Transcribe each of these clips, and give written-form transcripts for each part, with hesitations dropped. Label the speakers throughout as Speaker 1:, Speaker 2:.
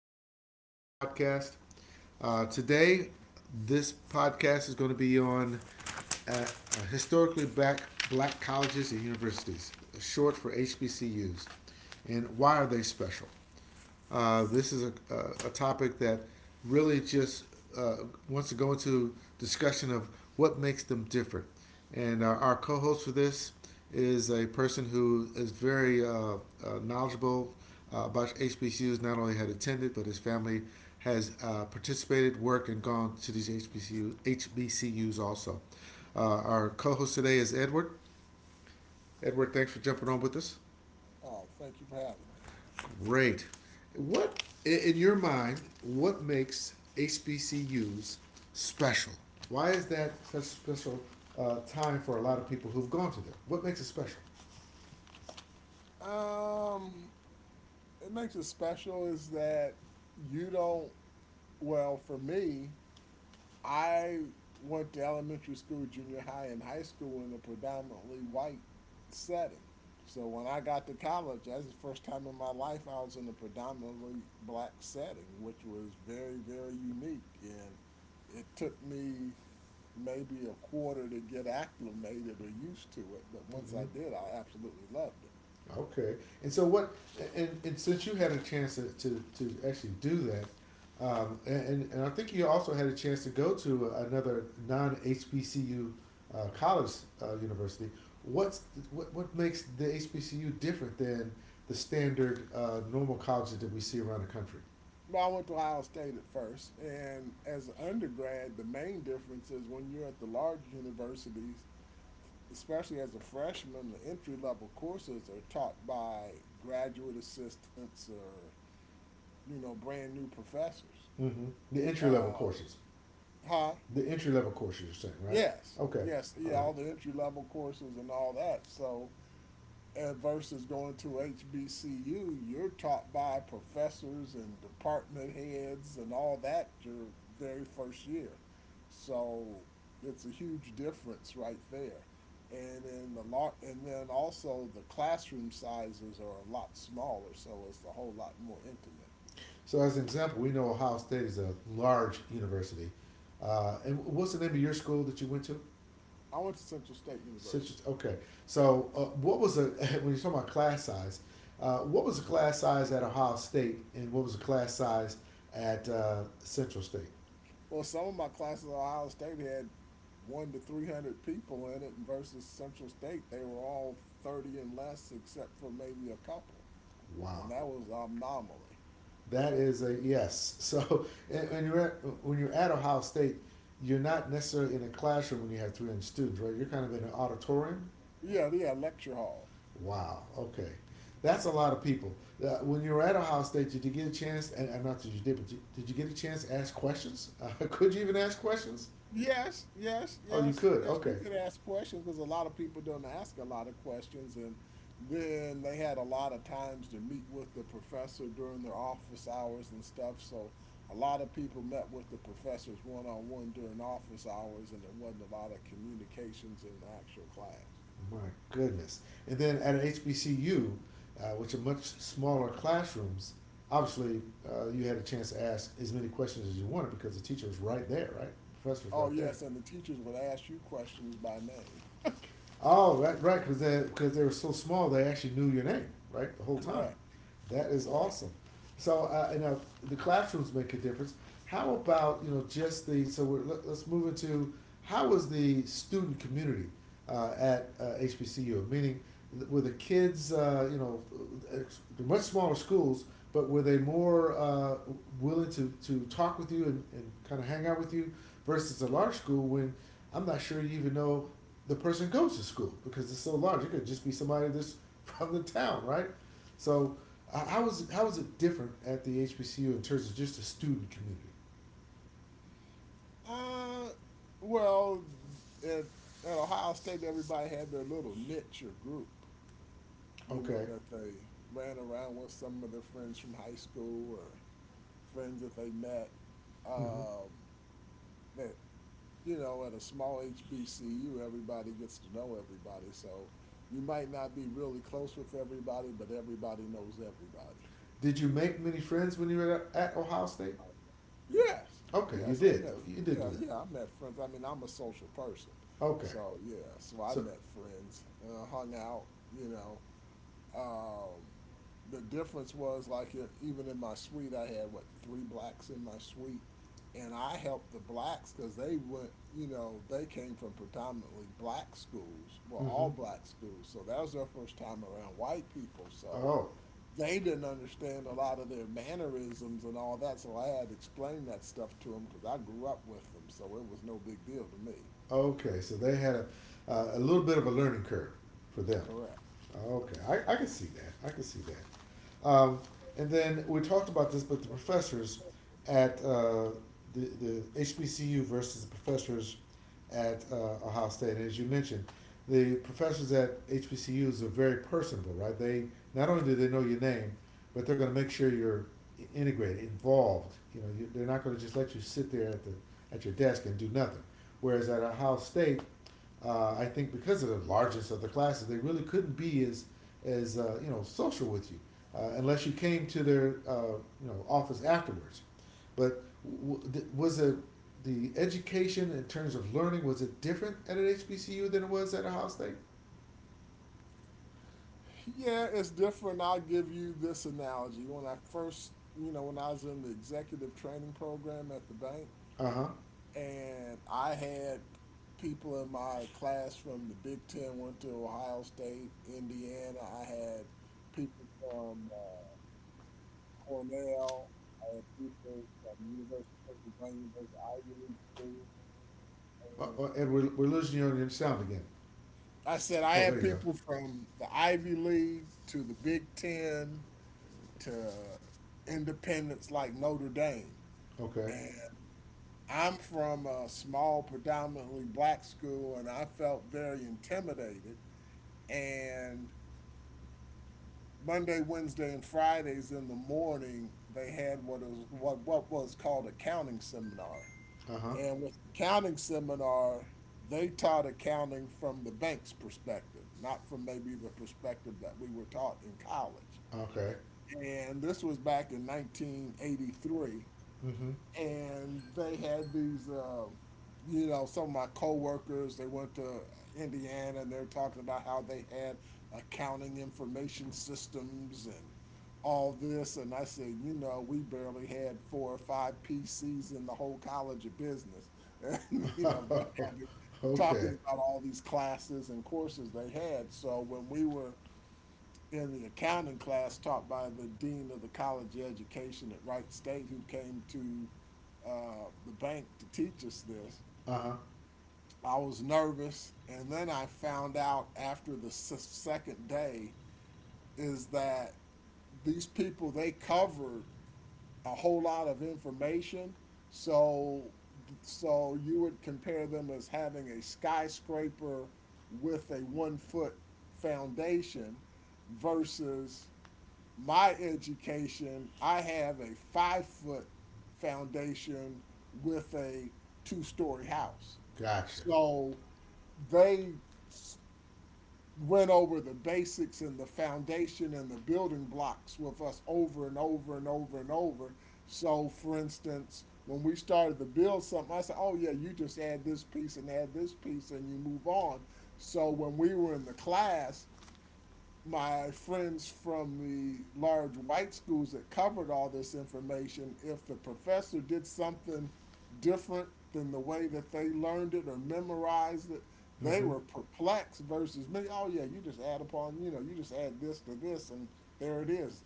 Speaker 1: here with another podcast. Today, this podcast is going to be on uh, uh, historically black, black colleges and universities, short for HBCUs. And why are they special? This is a topic that really just uh, wants to go into discussion of what makes them different. And our co-host for this is a person who is very knowledgeable about HBCUs. Not only had attended, but his family has participated, worked, and gone to these HBCUs also. Our co-host today is Edward. Edward, thanks for jumping on with us.
Speaker 2: Oh, thank you for having me.
Speaker 1: Great. What, in your mind, what makes HBCUs special? Why is that such a special time for a lot of people who've gone to them? What makes it special?
Speaker 2: Um, it makes it special is that you don't. Well, for me, I went to elementary school, junior high, and high school in a predominantly white setting. So when I got to college, that's the first time in my life I was in a predominantly black setting, which was very, very unique. And it took me maybe a quarter to get acclimated or used to it, but once I
Speaker 1: Mhm.
Speaker 2: did, I absolutely loved it.
Speaker 1: Okay. And so what? And since you had a chance to actually do that, and I think you also had a chance to go to another non HBCU college university. What's what makes the HBCU different than the standard normal colleges that we see around the country?
Speaker 2: Well, I went to Ohio State at first, and as an undergrad, the main difference is when you're at the large universities, especially as a freshman, the entry level courses are taught by graduate assistants or you know brand new professors.
Speaker 1: Mm-hmm. The entry
Speaker 2: Uh,
Speaker 1: level courses.
Speaker 2: huh?
Speaker 1: The entry level courses, you're saying, right?
Speaker 2: Yes,
Speaker 1: Okay.
Speaker 2: yes,
Speaker 1: All
Speaker 2: yeah. All
Speaker 1: right.
Speaker 2: the entry level courses and all that. So versus going to HBCU, you're taught by professors and department heads and all that your very first year. So it's a huge difference right there. And in the lot, and then also the classroom sizes are a lot smaller, so it's a whole lot more intimate.
Speaker 1: So, as an example, we know Ohio State is a large university. And what's the name of your school that you went to?
Speaker 2: I went to Central State University.
Speaker 1: Citrus. Okay. So, what was the when you're talking about class size? What was the class size at Ohio State, and what was the class size at Central State?
Speaker 2: Well, some of my classes at Ohio State had one to three hundred people in it, versus Central State, they were all 30 and less, except for maybe a couple,
Speaker 1: Wow,
Speaker 2: and that was an anomaly.
Speaker 1: that is a yes. So, and, and you're at, when you're at Ohio State, you're not necessarily in a classroom when you have 300 students, right? You're kind of in an auditorium.
Speaker 2: Yeah, yeah, lecture hall.
Speaker 1: Wow. Okay, that's a lot of people. When you were at Ohio State, did you get a chance? And not that you did, did you get a chance to ask questions? Could you even ask questions?
Speaker 2: Yes, yes,
Speaker 1: Oh, you
Speaker 2: yes,
Speaker 1: could.
Speaker 2: yes. You
Speaker 1: Okay.
Speaker 2: could ask questions because a lot of people don't ask a lot of questions, and then they had a lot of times to meet with the professor during their office hours and stuff. So a lot of people met with the professors one on one during office hours, and it wasn't a lot of communications in the actual class.
Speaker 1: My goodness. And then at HBCU, which are much smaller classrooms, obviously, you had a chance to ask as many questions as you wanted because the teacher was right there, right? The professor was
Speaker 2: Oh
Speaker 1: right there.
Speaker 2: yes, and the teachers would ask you questions by name.
Speaker 1: Oh, right, right, because they were so small, they actually knew your name, right, the whole time.
Speaker 2: Correct,
Speaker 1: That is
Speaker 2: correct.
Speaker 1: awesome. So, and the classrooms make a difference. How about you know just the so let's move into how was the student community? At HBCU, meaning were the kids, much smaller schools, but were they more willing to talk with you and kind of hang out with you versus a large school when I'm not sure you even know the person goes to school because it's so large. It could just be somebody that's from the town, right? So how was it different at the HBCU in terms of just the student community?
Speaker 2: Uh, well, at, at Ohio State, everybody had their little niche or group. You know,
Speaker 1: Okay.
Speaker 2: that they ran around with some of their friends from high school or friends that they met.
Speaker 1: Hmm.
Speaker 2: Um, that, you know, at a small HBCU, everybody gets to know everybody. So you might not be really close with everybody, but everybody knows everybody.
Speaker 1: Did you make many friends when you were at Ohio State?
Speaker 2: Yes,
Speaker 1: Okay, you
Speaker 2: yes, I
Speaker 1: did
Speaker 2: met,
Speaker 1: though. You did
Speaker 2: yeah,
Speaker 1: do that.
Speaker 2: yeah, I met friends. I mean, I'm a social person.
Speaker 1: Okay,
Speaker 2: So, yeah, so I
Speaker 1: so,
Speaker 2: met friends, hung out, you know. Um, the difference was like even in my suite, I had what three blacks in my suite, and I helped the blacks because they went, you know, they came from predominantly black schools, well, all
Speaker 1: mm-hmm.
Speaker 2: black schools, so that was their first time around white people, so
Speaker 1: Oh,
Speaker 2: they didn't understand a lot of their mannerisms and all that, so I had to explain that stuff to them because I grew up with them, so it was no big deal to me.
Speaker 1: okay. So they had a little bit of a learning curve for them.
Speaker 2: Correct.
Speaker 1: Okay, I can see that. I can see that. Um, and then we talked about this, but the professors at the HBCU versus the professors at Ohio State. And as you mentioned, the professors at HBCUs are very personable, right? They not only do they know your name, but they're going to make sure you're integrated, involved. They're not going to just let you sit there at the at your desk and do nothing. Whereas at Ohio State, I think because of the largest of the classes, they really couldn't be as you know social with you unless you came to their you know office afterwards. But w- was it the education in terms of learning was it different at an HBCU than it was at Ohio State?
Speaker 2: Yeah, it's different. I'll give you this analogy. When I first, you know, when I was in the executive training program at the bank,
Speaker 1: Uh huh.
Speaker 2: and I had people in my class from the Big Ten, went to Ohio State, Indiana. I had people from Cornell. I had people from University of Pennsylvania, those Ivy League schools. And
Speaker 1: And we're losing you on your sound again.
Speaker 2: I said I
Speaker 1: Oh,
Speaker 2: had
Speaker 1: there you
Speaker 2: people from the Ivy League to the Big Ten to independents like Notre Dame.
Speaker 1: go. Okay.
Speaker 2: And I'm from a small, predominantly black school, and I felt very intimidated. And Monday, Wednesday, and Fridays in the morning, they had what is what was called accounting seminar.
Speaker 1: Uh huh.
Speaker 2: And with the accounting seminar, they taught accounting from the bank's perspective, not from maybe the perspective that we were taught in college.
Speaker 1: Okay.
Speaker 2: And this was back in 1983.
Speaker 1: Mm
Speaker 2: And they had these, you know, some of my coworkers. They went to Indiana, and they're talking about how they had accounting information systems and all this. And I said, you know, we barely had four or five PCs in the whole college of business. And, you know,
Speaker 1: hmm.
Speaker 2: having, talking
Speaker 1: Okay.
Speaker 2: about all these classes and courses they had. So when we were in the accounting class taught by the dean of the College of Education at Wright State, who came to the bank to teach us this.
Speaker 1: Uh huh.
Speaker 2: I was nervous, and then I found out after the 2nd day is that these people they covered a whole lot of information. So, so you would compare them as having a skyscraper with a 1 foot foundation versus my education, I have a 5 foot foundation with a 2-story house.
Speaker 1: Gotcha.
Speaker 2: So they went over the basics and the foundation and the building blocks with us over and over and over and over. So, for instance, when we started to build something, I said, oh, yeah, you just add this piece and add this piece and you move on. So, when we were in the class, my friends from the large white schools that covered all this information, if the professor did something different than the way that they learned it or memorized it,
Speaker 1: Mm
Speaker 2: they
Speaker 1: hmm.
Speaker 2: were perplexed versus me. Oh, yeah, you just add upon, you know, you just add this to this, and there it is.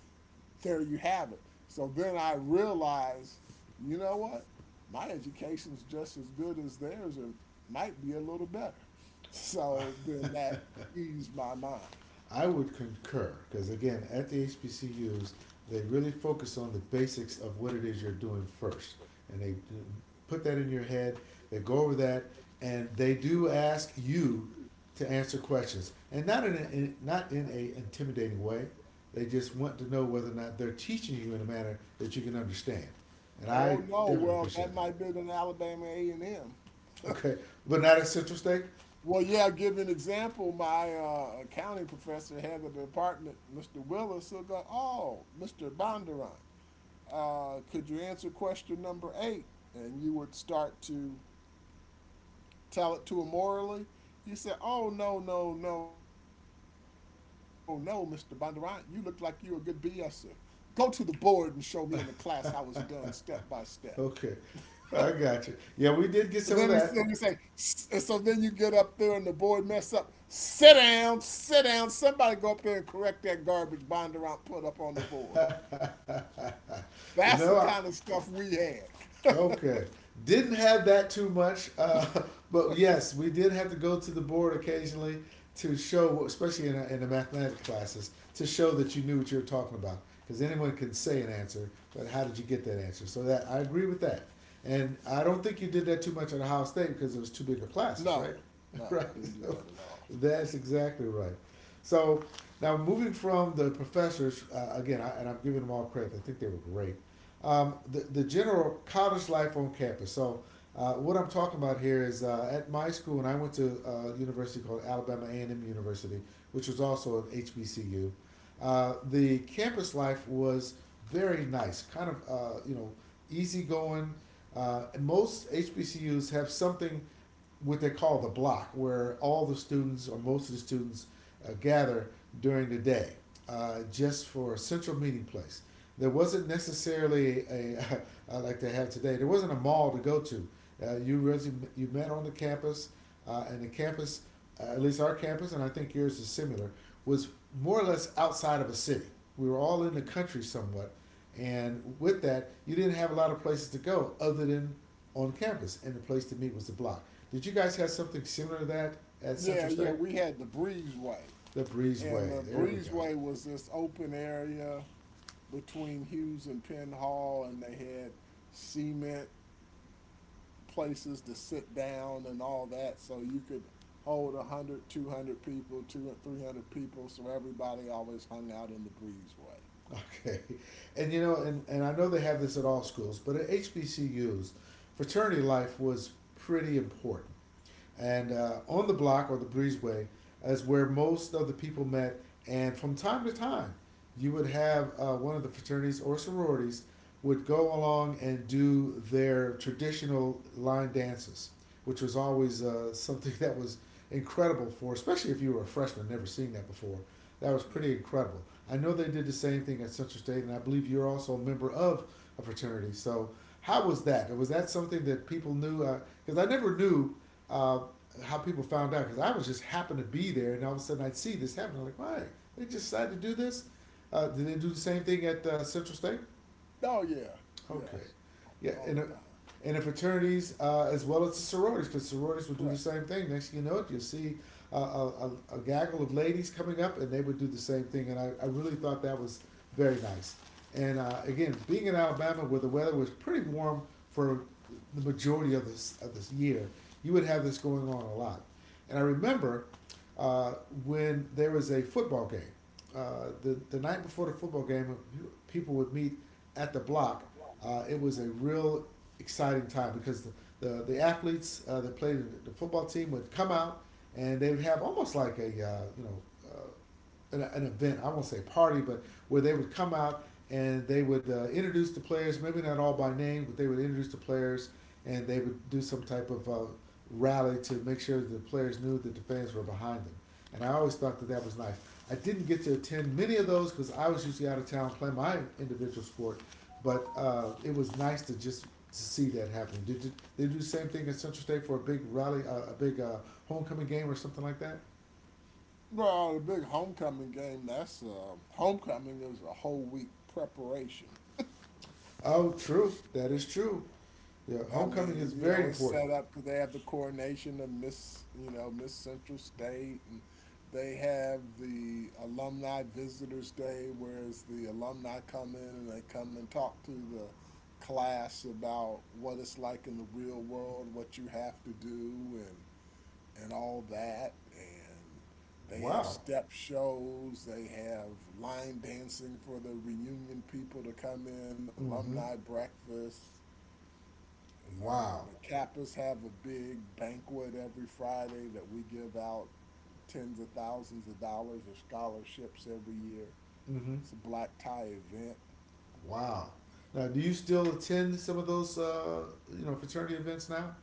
Speaker 2: There you have it. So then I realized, you know what? My education's just as good as theirs, or might be a little better. So then that eased my mind.
Speaker 1: I would concur because again, at the HBCUs, they really focus on the basics of what it is you're doing first, and they put that in your head. They go over that, and they do ask you to answer questions, and not in not in a intimidating way. They just want to know whether or not they're teaching you in a manner that you can understand, and
Speaker 2: Oh
Speaker 1: I
Speaker 2: no,
Speaker 1: definitely
Speaker 2: well
Speaker 1: appreciate
Speaker 2: that
Speaker 1: that.
Speaker 2: might be an Alabama A and M.
Speaker 1: Okay, but not at Central State.
Speaker 2: Well, yeah, give an example. My accounting professor had the department, Mr. Willis. He'll go, oh, Mr. Bondurant, could you answer question number 8? And you would start to tell it to him orally. You said, oh no, no, no, no, Mr. Bondurant, you look like you're a good BSer. Go to the board and show me in the class how it's done step by step.
Speaker 1: Okay, I got you. Yeah, we did
Speaker 2: And
Speaker 1: get
Speaker 2: Then
Speaker 1: some of
Speaker 2: it's then
Speaker 1: that.
Speaker 2: it's like, and so then you get up there and the board mess up. Sit down, sit down. Somebody go up there and correct that garbage Bondurant put up on the board. That's the
Speaker 1: No.
Speaker 2: kind of stuff we had.
Speaker 1: Okay. Didn't have that too much, but yes, we did have to go to the board occasionally to show, especially in the mathematics classes, to show that you knew what you were talking about. Because anyone can say an answer, but how did you get that answer? So that I agree with that, and I don't think you did that too much at Ohio State because it was too big of classes,
Speaker 2: No,
Speaker 1: right? Right.
Speaker 2: no, didn't do
Speaker 1: So
Speaker 2: that at all.
Speaker 1: that's exactly right. So now moving from the professors again, and I'm giving them all credit. I think they were great. The the general college life on campus. So, what I'm talking about here is at my school, and I went to a university called Alabama A&M University, which was also an HBCU. The campus life was very nice, kind of you know easygoing. Most HBCUs have something what they call the block, where all the students or most of the students gather during the day, just for a central meeting place. There wasn't necessarily a like they have today. There wasn't a mall to go to. Uh, you really, you met on the campus, and at least our campus, and I think yours is similar, was more or less outside of a city. We were all in the country somewhat, and with that, you didn't have a lot of places to go other than on campus, and the place to meet was the block. Did you guys have something similar to that at
Speaker 2: Yeah,
Speaker 1: Central
Speaker 2: yeah,
Speaker 1: State?
Speaker 2: we had the breezeway,
Speaker 1: The
Speaker 2: and the
Speaker 1: breezeway. There we go.
Speaker 2: breezeway was this open area between Hughes and Penn Hall, and they had cement places to sit down and all that so you could hold 100 200 people 200 300 people, so everybody always hung out in the breezeway.
Speaker 1: Okay. And you know, and I know they have this at all schools, but at HBCUs, fraternity life was pretty important. And on the block or the breezeway is where most of the people met. And from time to time, you would have one of the fraternities or sororities would go along and do their traditional line dances, which was always something that was incredible for, especially if you were a freshman, never seeing that before. That was
Speaker 2: Yeah.
Speaker 1: pretty incredible. I know they did the same thing at Central State, and I believe you're also a member of a fraternity. So, how was that? Was that something that people knew? Because I never knew uh, how people found out because I was just happened to be there, and all of a sudden I'd see this happen. I'm like, why? They just decided to do this. Did they do the same thing at Central State?
Speaker 2: Oh yeah.
Speaker 1: Okay.
Speaker 2: Yes.
Speaker 1: Yeah,
Speaker 2: All the time.
Speaker 1: and the fraternities as well as the sororities, because sororities would do the
Speaker 2: Correct.
Speaker 1: same thing. Next thing you know, it you'll see a gaggle of ladies coming up, and they would do the same thing. And I really thought that was very nice. And again, being in Alabama where the weather was pretty warm for the majority of this year, you would have this going on a lot. And I remember uh, when there was a football game, the night before the football game, people would meet at the block. It was a real exciting time because the athletes that played the football team would come out and they would have almost like a an event. I won't say party, but where they would come out and they would introduce the players. Maybe not all by name, but they would introduce the players and they would do some type of rally to make sure that the players knew that the fans were behind them. And I always thought that that was nice. I didn't get to attend many of those because I was usually out of town playing my individual sport. But it was nice to just to see that happen. Did they do the same thing at Central State for a big rally, a big homecoming game or something like that?
Speaker 2: Well, the big homecoming game, that's homecoming is a whole week preparation.
Speaker 1: Oh, true. That is true. Yeah,
Speaker 2: I
Speaker 1: homecoming is
Speaker 2: mean, you
Speaker 1: very
Speaker 2: know, it's
Speaker 1: important.
Speaker 2: set up because they have the coronation of Miss, you know, Miss Central State, and they have the Alumni Visitors Day, whereas the alumni come in and they come and talk to the class about what it's like in the real world, what you have to do, and all that. And they have
Speaker 1: Wow.
Speaker 2: step shows. They have line dancing for the reunion people to come in,
Speaker 1: Mm-hmm.
Speaker 2: alumni breakfast,
Speaker 1: Wow.
Speaker 2: the Kappas have a big banquet every Friday that we give out tens of thousands of dollars of scholarships every year.
Speaker 1: Mm-hmm.
Speaker 2: It's a black tie event.
Speaker 1: Wow. Now, do you still attend some of those, you know, fraternity events now?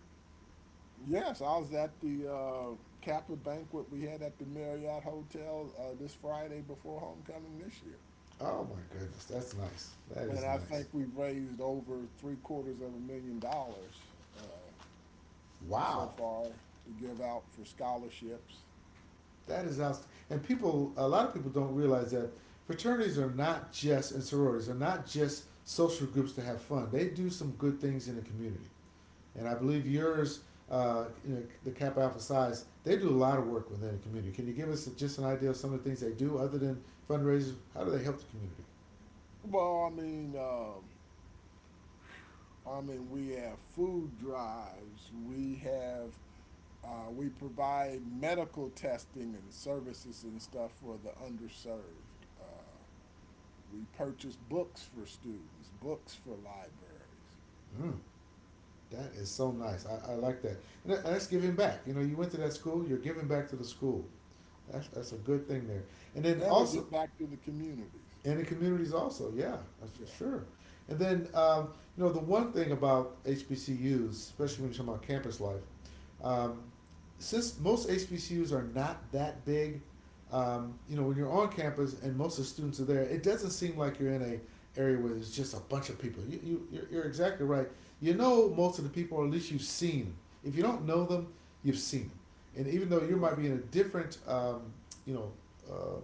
Speaker 2: Yes, I was at the Kappa banquet we had at the Marriott Hotel this Friday before homecoming this year.
Speaker 1: Oh my goodness, that's nice. That
Speaker 2: And
Speaker 1: is
Speaker 2: I
Speaker 1: nice.
Speaker 2: think we raised over three-quarters of a million dollars uh, so
Speaker 1: Wow.
Speaker 2: far to give out for scholarships.
Speaker 1: That is outstanding. And people, a lot of people don't realize that fraternities are not just, and sororities are not just social groups to have fun. They do some good things in the community. And I believe yours, you know, the Kappa Alpha Psi's, they do a lot of work within the community. Can you give us just an idea of some of the things they do other than fundraisers? How do they help the community?
Speaker 2: Well, I mean, we have food drives. We have we provide medical testing and services and stuff for the underserved. We purchase books for students, books for libraries.
Speaker 1: Mm, that is so nice. I like that. And that's giving back. You know, you went to that school, you're giving back to the school. That's a good thing there. And then
Speaker 2: Then we
Speaker 1: also,
Speaker 2: give back to the communities.
Speaker 1: and in communities also, yeah, that's for
Speaker 2: Yeah,
Speaker 1: sure. And then you know, the one thing about HBCUs, especially when you're talking about campus life, um, since most HBCUs are not that big, you know, when you're on campus and most of the students are there, it doesn't seem like you're in a area where there's just a bunch of people. You're exactly right. You know most of the people, or at least you've seen them. If you don't know them, you've seen them. And even though you
Speaker 2: correct.
Speaker 1: might be in a different, you know, uh,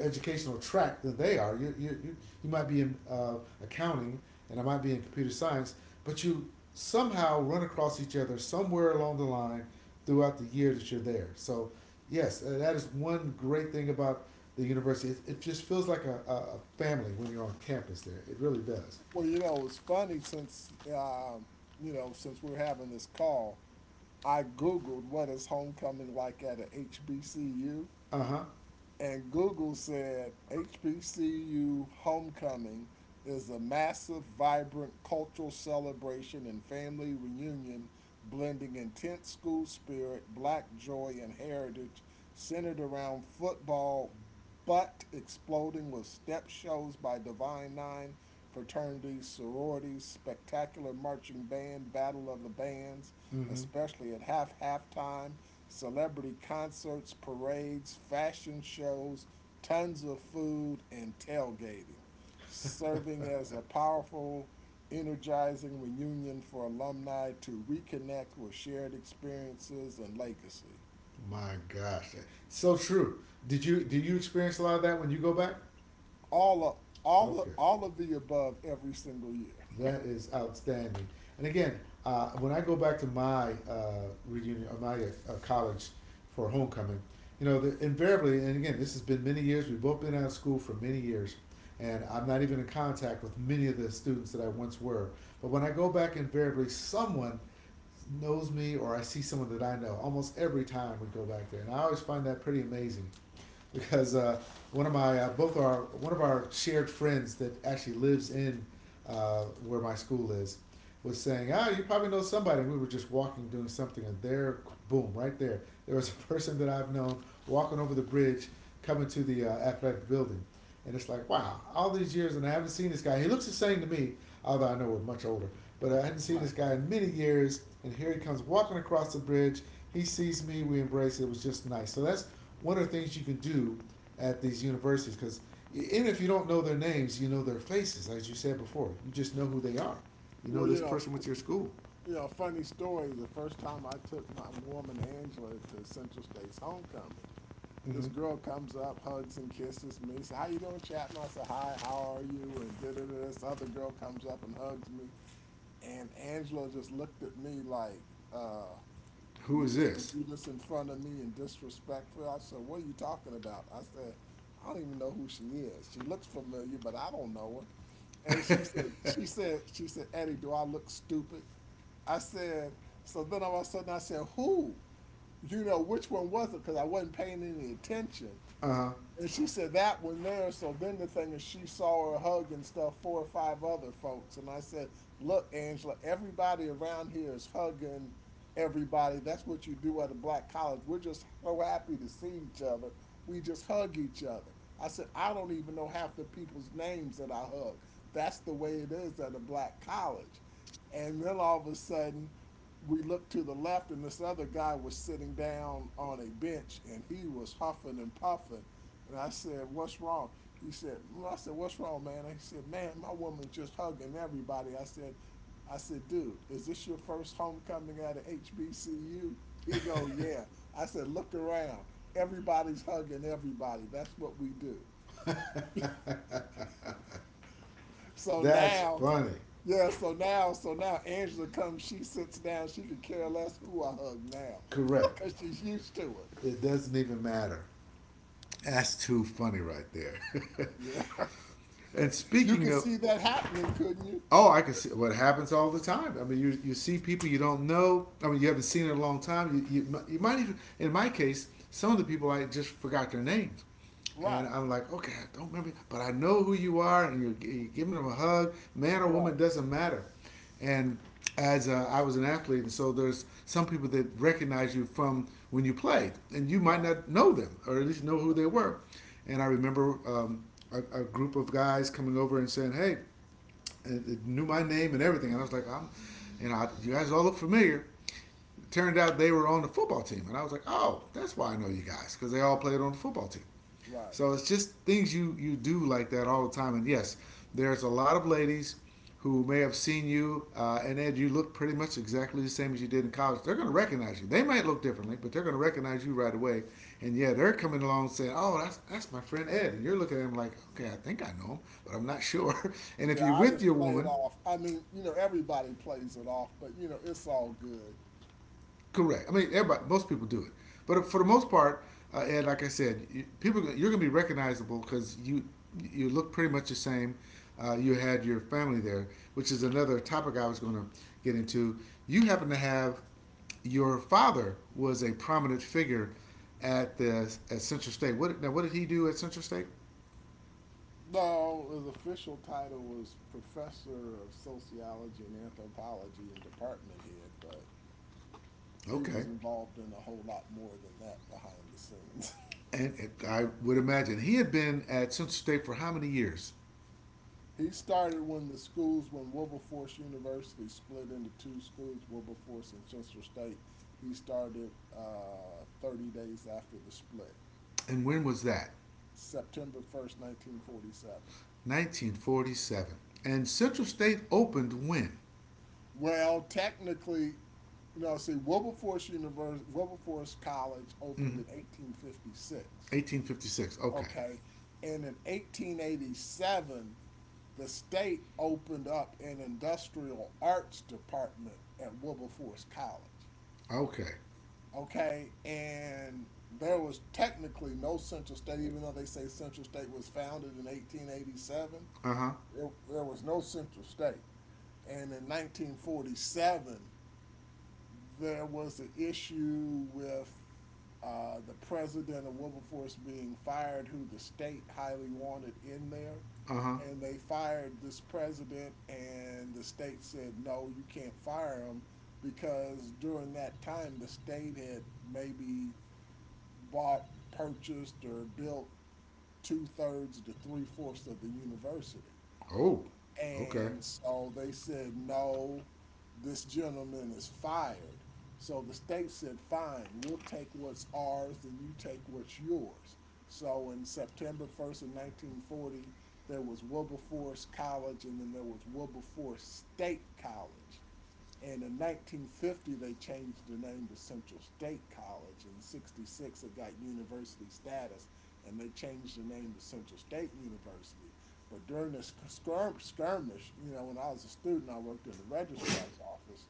Speaker 1: educational track than they are. You might be in accounting and I might be in computer science, but you somehow run across each other somewhere along the line throughout the year that you're there. So yes, that is one great thing about the university. It just feels like a family when you're on campus there. It really does.
Speaker 2: Well, you know, it's funny since you know since we're having this call, I Googled what is homecoming like at a HBCU.
Speaker 1: Uh huh.
Speaker 2: And Google said HBCU homecoming is a massive, vibrant cultural celebration and family reunion blending intense school spirit, black joy, and heritage centered around football, but exploding with step shows by Divine Nine, fraternities, sororities, spectacular marching band, battle of the bands,
Speaker 1: Mm-hmm.
Speaker 2: especially at halftime, celebrity concerts, parades, fashion shows, tons of food, and tailgating, serving as a powerful, energizing reunion for alumni to reconnect with shared experiences and legacy.
Speaker 1: My gosh, so true. Did you do you experience a lot of that when you go back?
Speaker 2: All of,
Speaker 1: Okay.
Speaker 2: all of the above every single year.
Speaker 1: That is outstanding. And again, when I go back to my reunion or my college for homecoming, you know, the, invariably, and again, this has been many years. We've both been out of school for many years, and I'm not even in contact with many of the students that I once were. But when I go back, invariably, someone knows me or I see someone that I know almost every time we go back there, and I always find that pretty amazing because one of my both our one of our shared friends that actually lives in where my school is was saying, "Ah, you probably know somebody." And we were just walking, doing something, and there, boom, right there, there was a person that I've known walking over the bridge, coming to the athletic building, and it's like, wow, all these years and I haven't seen this guy. He looks the same to me, although I know we're much older. But I hadn't seen
Speaker 2: Right.
Speaker 1: this guy in many years, and here he comes walking across the bridge. He sees me, we embrace it. It was just nice. So that's one of the things you can do at these universities because even if you don't know their names, you know their faces, as you said before. You just know who they are. You know
Speaker 2: Well, you
Speaker 1: this
Speaker 2: know,
Speaker 1: person with your school.
Speaker 2: you know, funny story. The first time I took my woman Angela to Central State's homecoming, this
Speaker 1: Mm-hmm.
Speaker 2: girl comes up, hugs and kisses me. Says, "How you doing, Chapman?" I said, "Hi, how are you?" And da da da. This other girl comes up and hugs me, and Angela just looked at me like, uh,
Speaker 1: Who
Speaker 2: "You
Speaker 1: is
Speaker 2: just gonna
Speaker 1: this?
Speaker 2: do this in front of me and disrespectful?" I said, "What are you talking about?" I said, "I don't even know who she is. She looks familiar, but I don't know her." And She said, "Eddie, do I look stupid?" I said, so then all of a sudden I said, who? You know, which one was it? Because I wasn't paying any attention.
Speaker 1: Uh
Speaker 2: And she said that one there. So then the thing is, she saw her hugging stuff four or five other folks. And I said, look, Angela, everybody around here is hugging everybody. That's what you do at a black college. We're just so happy to see each other. We just hug each other. I said, I don't even know half the people's names that I hug. That's the way it is at a black college. And then all of a sudden, we looked to the left, and this other guy was sitting down on a bench, and he was huffing and puffing. And I said, "What's wrong?" He said, "Mm." I said, "What's wrong, man?" And he said, "Man, my woman's just hugging everybody." "I said, dude, is this your first homecoming at an HBCU?" He go, "Yeah." I said, "Look around. Everybody's hugging everybody. That's what we do."
Speaker 1: huh.
Speaker 2: So
Speaker 1: That's
Speaker 2: now,
Speaker 1: funny.
Speaker 2: yeah, so now, so now, Angela comes. She sits down. She could care less who I hug now,
Speaker 1: Correct.
Speaker 2: because she's used to it.
Speaker 1: It doesn't even matter. That's too funny right there.
Speaker 2: Yeah,
Speaker 1: And
Speaker 2: you
Speaker 1: speaking
Speaker 2: could
Speaker 1: of,
Speaker 2: see that happening, couldn't you?
Speaker 1: oh, I can see what happens all the time. I mean, you see people you don't know. I mean, you haven't seen in a long time. You might even in my case, some of the people I just forgot their names, and
Speaker 2: Right,
Speaker 1: I'm like, okay, I don't remember, but I know who you are, and you're giving them a hug, man or
Speaker 2: right,
Speaker 1: woman, doesn't matter. And as a, I was an athlete, and so there's some people that recognize you from when you played, and you might
Speaker 2: right,
Speaker 1: not know them or at least know who
Speaker 2: right,
Speaker 1: they were. And I remember a group of guys coming over and saying, hey, it knew my name and everything, and I was like, I'm, you know, I, you guys all look familiar. It turned out they were on the football team, and I was like, oh, that's why I know you guys because they all played on the football team.
Speaker 2: right.
Speaker 1: So it's just things you do like that all the time. And yes, there's a lot of ladies who may have seen you and Ed, you look pretty much exactly the same as you did in college. They're going to recognize you. They might look differently, but they're going to recognize you right away. And yeah, they're coming along saying, "Oh, that's my friend Ed," and you're looking at him like, "Okay, I think I know him, but I'm not sure." And if
Speaker 2: Yeah,
Speaker 1: you're
Speaker 2: I
Speaker 1: with
Speaker 2: just
Speaker 1: your
Speaker 2: play it
Speaker 1: woman.
Speaker 2: off. I mean, you know, everybody plays it off, but you know, it's all good.
Speaker 1: Correct. I mean, everybody, most people do it, but for the most part, and like I said, you, people you're gonna be recognizable because you look pretty much the same. You had your family there, which is another topic I was gonna get into. You happen to have your father was a prominent figure at the at Central State. What now? What did he do at Central State?
Speaker 2: No, his official title was Professor of Sociology and Anthropology and Department Head, but he
Speaker 1: Okay,
Speaker 2: was involved in a whole lot more than that behind the scenes.
Speaker 1: and I would imagine he had been at Central State for how many years,
Speaker 2: He started when the schools, when Wilberforce University split into two schools, Wilberforce and Central State. He started 30 days after the split,
Speaker 1: and when was that?
Speaker 2: September 1, 1947.
Speaker 1: 1947. And Central State opened when?
Speaker 2: Well, technically, no. See, Wilberforce University, Wilberforce College
Speaker 1: Hmm,
Speaker 2: opened in 1856.
Speaker 1: 1856. Okay.
Speaker 2: Okay, and in 1887, the state opened up an industrial arts department at Wilberforce College.
Speaker 1: Okay.
Speaker 2: Okay, and there was technically no Central State, even though they say Central State was founded in 1887.
Speaker 1: Uh huh.
Speaker 2: There was no Central State, and in 1947 there was the issue with the president of Wilberforce being fired, who the state highly wanted in there.
Speaker 1: Uh huh.
Speaker 2: And they fired this president, and the state said, no, you can't fire him because during that time, the state had maybe bought, purchased, or built two thirds to three-fourths of the university.
Speaker 1: Oh. Okay.
Speaker 2: And so they said, no, this gentleman is fired. So the state said, fine, we'll take what's ours and you take what's yours. So in September 1 of 1940, there was Wilberforce College and then there was Wilberforce State College. And in 1950, they changed the name to Central State College. In 66, it got university status, and they changed the name to Central State University. But during this skirmish, you know, when I was a student, I worked in the registrar's office.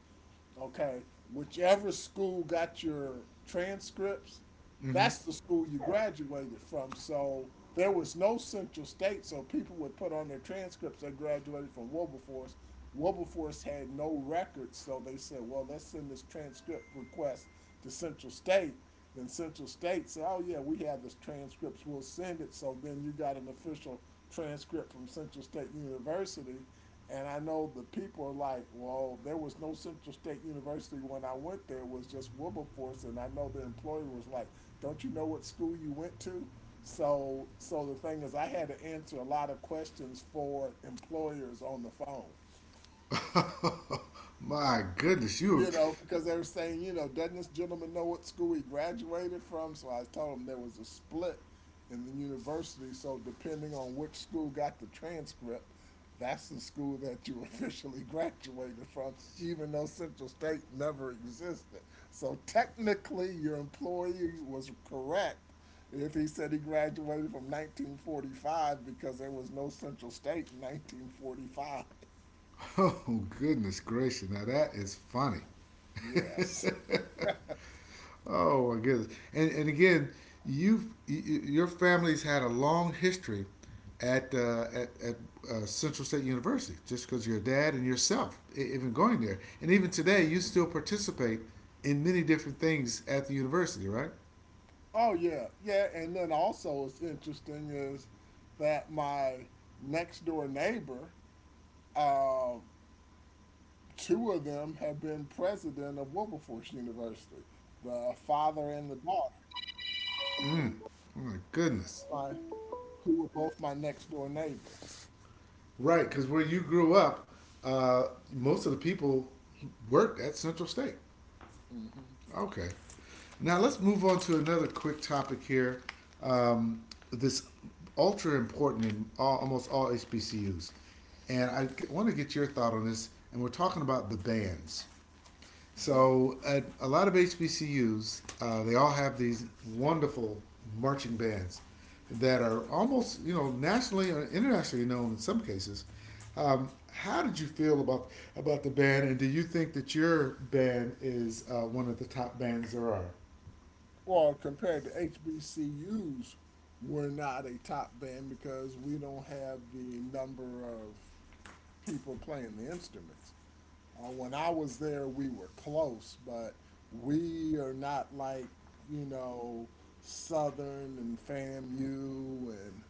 Speaker 2: Okay, whichever school got your transcripts,
Speaker 1: Mm
Speaker 2: that's the school you graduated from. So there was no Central State, so people would put on their transcripts they graduated from Wilberforce. Wilberforce had no records, so they said, well, let's send this transcript request to Central State. Then Central State said, oh, yeah, we have this transcripts, we'll send it. So then you got an official transcript from Central State University, and I know the people are like, well, there was no Central State University when I went there. It was just Wilberforce. And I know the employer was like, don't you know what school you went to? So the thing is, I had to answer a lot of questions for employers on the phone.
Speaker 1: hmm. My goodness, you.
Speaker 2: You know, because they were saying, you know, doesn't this gentleman know what school he graduated from? So I told him there was a split in the university. So depending on which school got the transcript, that's the school that you officially graduated from, even though Central State never existed. So technically, your employee was correct if he said he graduated from 1945 because there was no Central State in 1945.
Speaker 1: Were... oh goodness gracious! Now that is funny.
Speaker 2: Yes.
Speaker 1: Oh my goodness! And again, you've your family's had a long history at Central State University, just because your dad and yourself even going there, and even today you still participate in many different things at the university, right?
Speaker 2: Oh, yeah, yeah, and then also what's interesting is that my next door neighbor, um, two of them have been president of Wilberforce University, the father and the daughter,
Speaker 1: Mm. Oh my goodness!
Speaker 2: my, who were both my next door neighbors.
Speaker 1: Right, because where you grew up, uh, most of the people worked at Central State.
Speaker 2: Mm-hmm.
Speaker 1: Okay. Now let's move on to another quick topic here. Um, this ultra important in all, almost all HBCUs, and I get, want to get your thought on this. And we're talking about the bands.
Speaker 2: Hmm.
Speaker 1: So at a lot of HBCUs, they all have these wonderful marching bands that are almost you know nationally or internationally known in some cases. How did you feel about the band, and do you think that your band is one of the top bands there are?
Speaker 2: Well, compared to HBCUs, we're not a top band because we don't have the number of people playing the instruments. When I was there, we were close, but we are not like, you know, Southern and FAMU and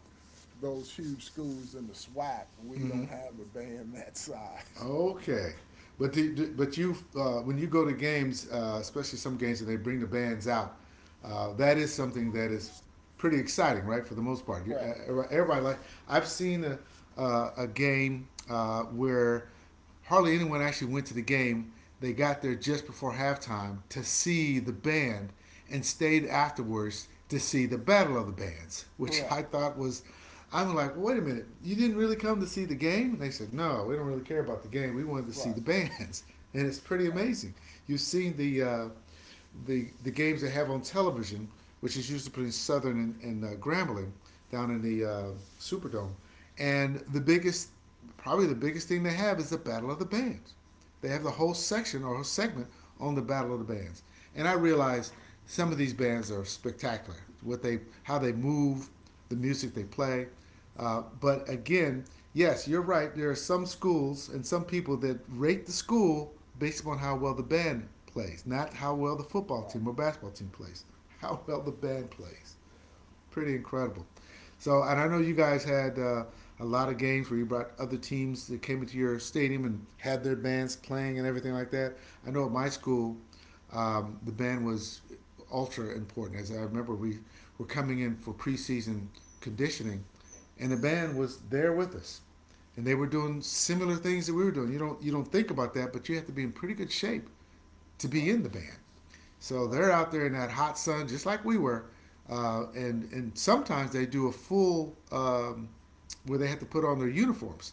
Speaker 2: those huge schools in the SWAC. We
Speaker 1: Mm-hmm.
Speaker 2: don't have a band that size.
Speaker 1: Okay, but but you when you go to games, especially some games, and they bring the bands out, that is something that is pretty exciting, right? For the most part, you,
Speaker 2: Correct.
Speaker 1: everybody like I've seen a game where hardly anyone actually went to the game. They got there just before halftime to see the band and stayed
Speaker 2: Yeah.
Speaker 1: afterwards to see the Battle of the Bands, which I
Speaker 2: Correct.
Speaker 1: thought was. I'm like, wait a minute, you didn't really come to see the game? And they said, no, we don't really care about the game. We wanted to
Speaker 2: Right.
Speaker 1: see the bands, and it's pretty
Speaker 2: Right.
Speaker 1: amazing. You've seen the games they have on television, which is usually between Southern and Grambling down in
Speaker 2: Yeah.
Speaker 1: the Superdome, and the biggest probably the biggest thing they have is the Battle of the Bands. They have the whole
Speaker 2: Okay.
Speaker 1: section or whole segment on the Battle of the Bands, and I realize some of these bands are spectacular. What they, how they move, the music they play, but again, yes, you're right. There are some schools and some people that rate the school based upon how well the band plays, not how well the football
Speaker 2: Right.
Speaker 1: team or basketball team plays. How well the band plays
Speaker 2: Yeah.
Speaker 1: pretty incredible. So, and I know you guys had a lot of games where you brought other teams that came into your stadium and had their bands playing and everything like that. I know at my school, the band was ultra important. As I remember, we were coming in for preseason conditioning, and the band was there with us, and they were doing similar things that we were doing. You don't think about that, but you have to be in pretty good shape to be in
Speaker 2: Right.
Speaker 1: the band. So they're
Speaker 2: Right.
Speaker 1: out there in that hot sun, just like we were. And sometimes they do a full where they have to put on their uniforms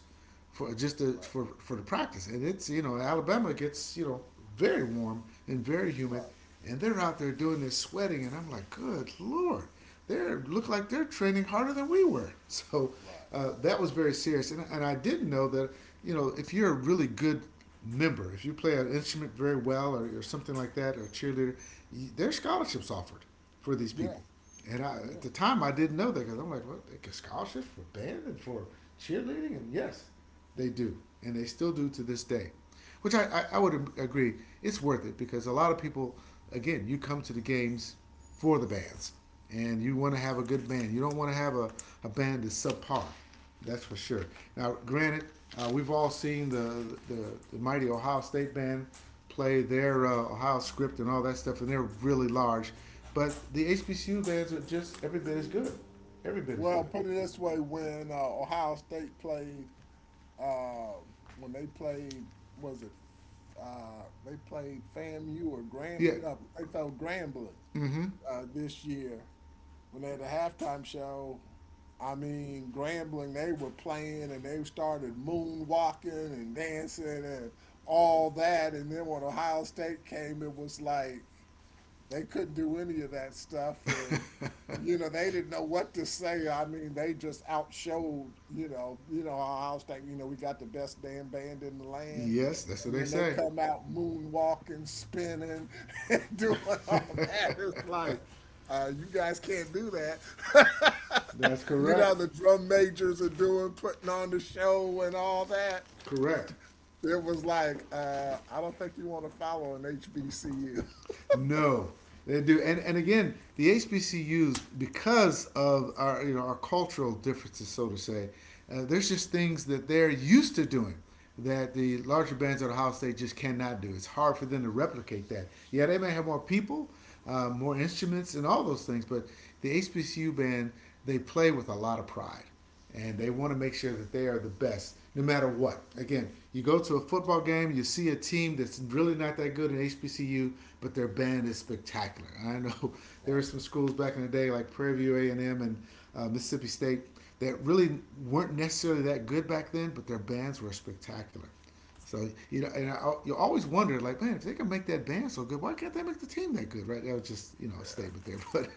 Speaker 1: for just to,
Speaker 2: Right.
Speaker 1: for the practice. And it's Alabama gets very warm and very humid,
Speaker 2: Right.
Speaker 1: and they're out there doing this sweating, and I'm like, good lord, they look like they're training harder than we were. So
Speaker 2: Right.
Speaker 1: that was very serious. And I didn't know that, you know, if you're a really good member, if you play an instrument very well, or something like that, or a cheerleader, there's scholarships offered for these
Speaker 2: Yeah.
Speaker 1: people. And I,
Speaker 2: Yeah.
Speaker 1: at the time, I didn't know that because I'm like, what? They get scholarships for band and for cheerleading? And yes, they do, and they still do to this day, which I, I,
Speaker 2: Yes.
Speaker 1: I would agree. It's worth it because a lot of people, again, you come to the games for the bands, and you want to have a good band. You don't want to have a band that's subpar. That's for sure. Now, granted, we've all seen the mighty Ohio State band play their Ohio script and all that stuff, and they're really large. But the HBCU bands are just every bit as good. Every bit as
Speaker 2: Well,
Speaker 1: good.
Speaker 2: put it this way: when Ohio State played, uh, when they played, was it they played FAMU or Graham?
Speaker 1: Yeah.
Speaker 2: They felt Grambling
Speaker 1: Mm-hmm.
Speaker 2: this year when they had a halftime show. I mean, Grambling, they were playing and they started moonwalking and dancing and all that. And then when Ohio State came, it was like they couldn't do any of that stuff, and you know they didn't know what to say. I mean, they just outshowed, you know, you know, Ohio State, you know, we got the best damn band in the land,
Speaker 1: Yes, that's what
Speaker 2: and
Speaker 1: they
Speaker 2: then they
Speaker 1: say.
Speaker 2: come out moonwalking, spinning and doing all that. It's like, you guys can't do that.
Speaker 1: That's
Speaker 2: You know,
Speaker 1: correct.
Speaker 2: the drum majors are doing, putting on the show and all that.
Speaker 1: Correct.
Speaker 2: It was like, I don't think you want to follow an HBCU.
Speaker 1: No, they do. And again, the HBCUs, because of our our cultural differences, so to say, there's just things that they're used to doing that the larger bands at Ohio State just cannot do. It's hard for them to replicate that. Yeah, they may have more people, more instruments, and all those things, but the HBCU band, they play with a lot of pride, and they want to make sure that they are the best no matter what. Again, you go to a football game, you see a team that's really not that good in HBCU, but their band is spectacular. I know there
Speaker 2: Right.
Speaker 1: were some schools back in the day like Prairie View A&M and M and Mississippi State that really weren't necessarily that good back then, but their bands were spectacular. So, and
Speaker 2: Right.
Speaker 1: I, you always wonder, like, man, if they can make that band so good, why can't they make the team that good, right? That was just a
Speaker 2: Yeah.
Speaker 1: statement there, but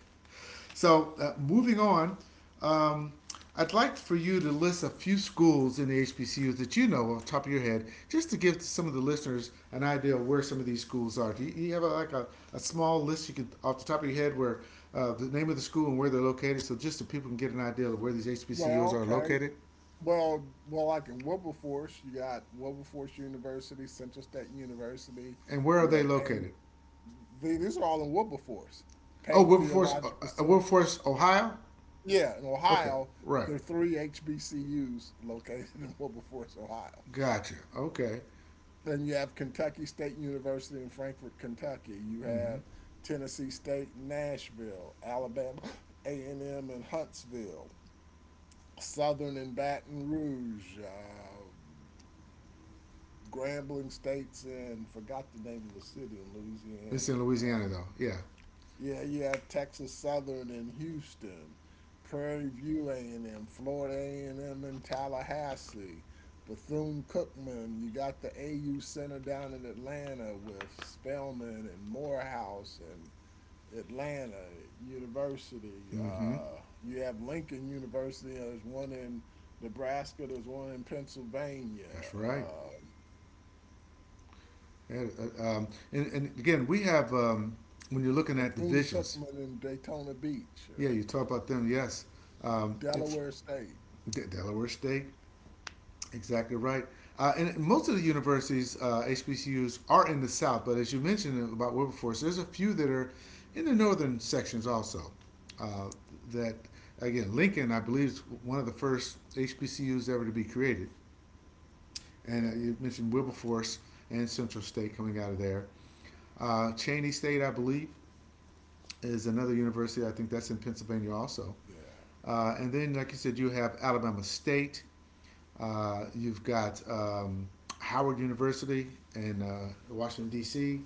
Speaker 1: so moving on, um, I'd like for you to list a few schools in the HBCUs that you know off the top of your head, just to give some of the listeners an idea of where some of these schools are. Do you have a small list you can off the top of your head where the name of the school and where they're located, so just so people can get an idea of where these
Speaker 2: Well,
Speaker 1: HBCUs are
Speaker 2: okay.
Speaker 1: located
Speaker 2: Well, like in Wilberforce, you got Wilberforce University, Central State University.
Speaker 1: and where are
Speaker 2: You
Speaker 1: they
Speaker 2: have Payne.
Speaker 1: located?
Speaker 2: These are all in Wilberforce.
Speaker 1: Oh,
Speaker 2: Payne
Speaker 1: Wilberforce,
Speaker 2: Theological Civil.
Speaker 1: Wilberforce, Ohio.
Speaker 2: Yeah, in
Speaker 1: Okay,
Speaker 2: Ohio,
Speaker 1: right,
Speaker 2: there are three HBCUs located in Wilberforce, Ohio.
Speaker 1: gotcha. Okay,
Speaker 2: Then you have Kentucky State University in Frankfort, Kentucky. You
Speaker 1: mm-hmm.
Speaker 2: have Tennessee State, Nashville, Alabama, A&M in Huntsville, Southern in Baton Rouge. Grambling states and forgot the name of the city in
Speaker 1: This is in
Speaker 2: Louisiana.
Speaker 1: Louisiana though. Yeah,
Speaker 2: Yeah, you have Texas Southern in Houston, Prairie View A&M, Florida A&M in Tallahassee, Bethune-Cookman. You got the AU Center down in Atlanta with Spelman and Morehouse and Atlanta University.
Speaker 1: mm-hmm.
Speaker 2: You have Lincoln University. There's one in Nebraska. There's one in Pennsylvania.
Speaker 1: That's right.
Speaker 2: Uh,
Speaker 1: And, and again, we have, when you're looking at
Speaker 2: Bethune
Speaker 1: divisions,
Speaker 2: Cookman in Daytona Beach.
Speaker 1: yeah, you talk about them, yes. Um,
Speaker 2: Delaware State.
Speaker 1: Delaware State, exactly right. And most of the universities, HBCUs, are in the South, but as you mentioned about Wilberforce, there's a few that are in the northern sections also. Uh, that, again, Lincoln, I believe, is one of the first HBCUs ever to be created. And
Speaker 2: Yeah,
Speaker 1: you mentioned Wilberforce and Central State coming out of there. Cheney State, I believe, is another university. I think that's in Pennsylvania also.
Speaker 2: yeah.
Speaker 1: And then, like you said, you have Alabama State. You've got Howard University in Washington D.C.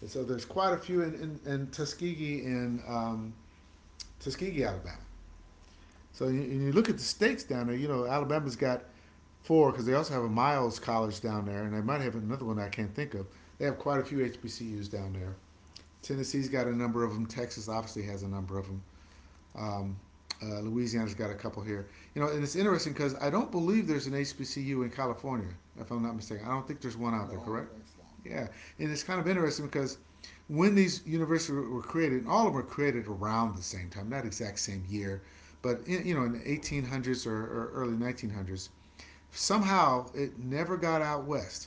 Speaker 1: And so there's quite a few in, in Tuskegee in Tuskegee, Alabama. So you look at the states down there. You know, Alabama's got four because they also have a Miles College down there, and they might have another one I can't think of. They have quite a few HBCUs down there. Tennessee's got a number of them. Texas obviously has a number of them. Um, Louisiana's got a couple here. You know, and it's interesting because I don't believe there's an HBCU in California, if I'm not mistaken. I don't think there's one out
Speaker 2: No, I
Speaker 1: there,
Speaker 2: don't
Speaker 1: correct?
Speaker 2: think so.
Speaker 1: Yeah. And it's kind of interesting because when these universities were created, and all of them were created around the same time, not exact same year, but in, you know, in the 1800s or early 1900s, somehow it never got out west.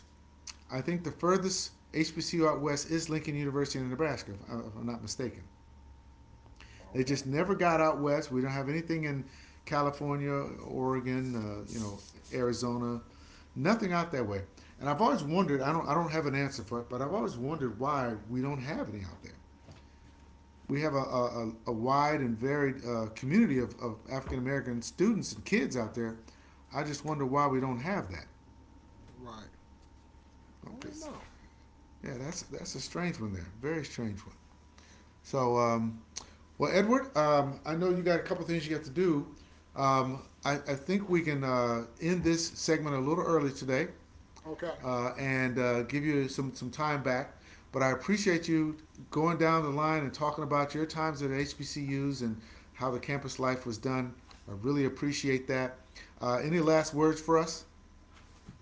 Speaker 1: I think the furthest HBCU out west is Lincoln University in Nebraska, if I'm not mistaken. They
Speaker 2: Okay.
Speaker 1: just never got out west. We don't have anything in California, Oregon, you know, Arizona. Nothing out that way. And I've always wondered. I don't. I don't have an answer for it, but I've always wondered why we don't have any out there. We have a wide and varied community of African American students and kids out there. I just wonder why we don't have that.
Speaker 2: Right. I
Speaker 1: Okay.
Speaker 2: don't
Speaker 1: So,
Speaker 2: know.
Speaker 1: yeah, that's a strange one there. Very strange one. So well, Edward, I know you got a couple things you got to do. I think we can end this segment a little early today,
Speaker 2: Okay.
Speaker 1: and give you some time back. But I appreciate you going down the line and talking about your times at HBCUs and how the campus life was done. I really appreciate that. Any last words for us?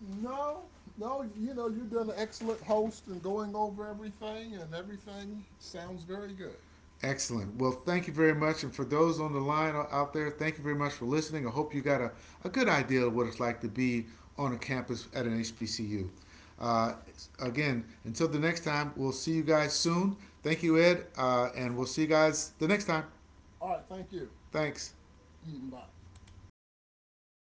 Speaker 2: No, no, you know, you've done an excellent host and going over everything, and everything sounds very good.
Speaker 1: Excellent. Well, thank you very much. And for those on the line out there, thank you very much for listening. I hope you got a good idea of what it's like to be on a campus at an HBCU. Uh, Again, until the next time, we'll see you guys soon. Thank you, Ed, and we'll see you guys the next time.
Speaker 2: All right, thank you.
Speaker 1: Thanks.
Speaker 2: Mm, bye.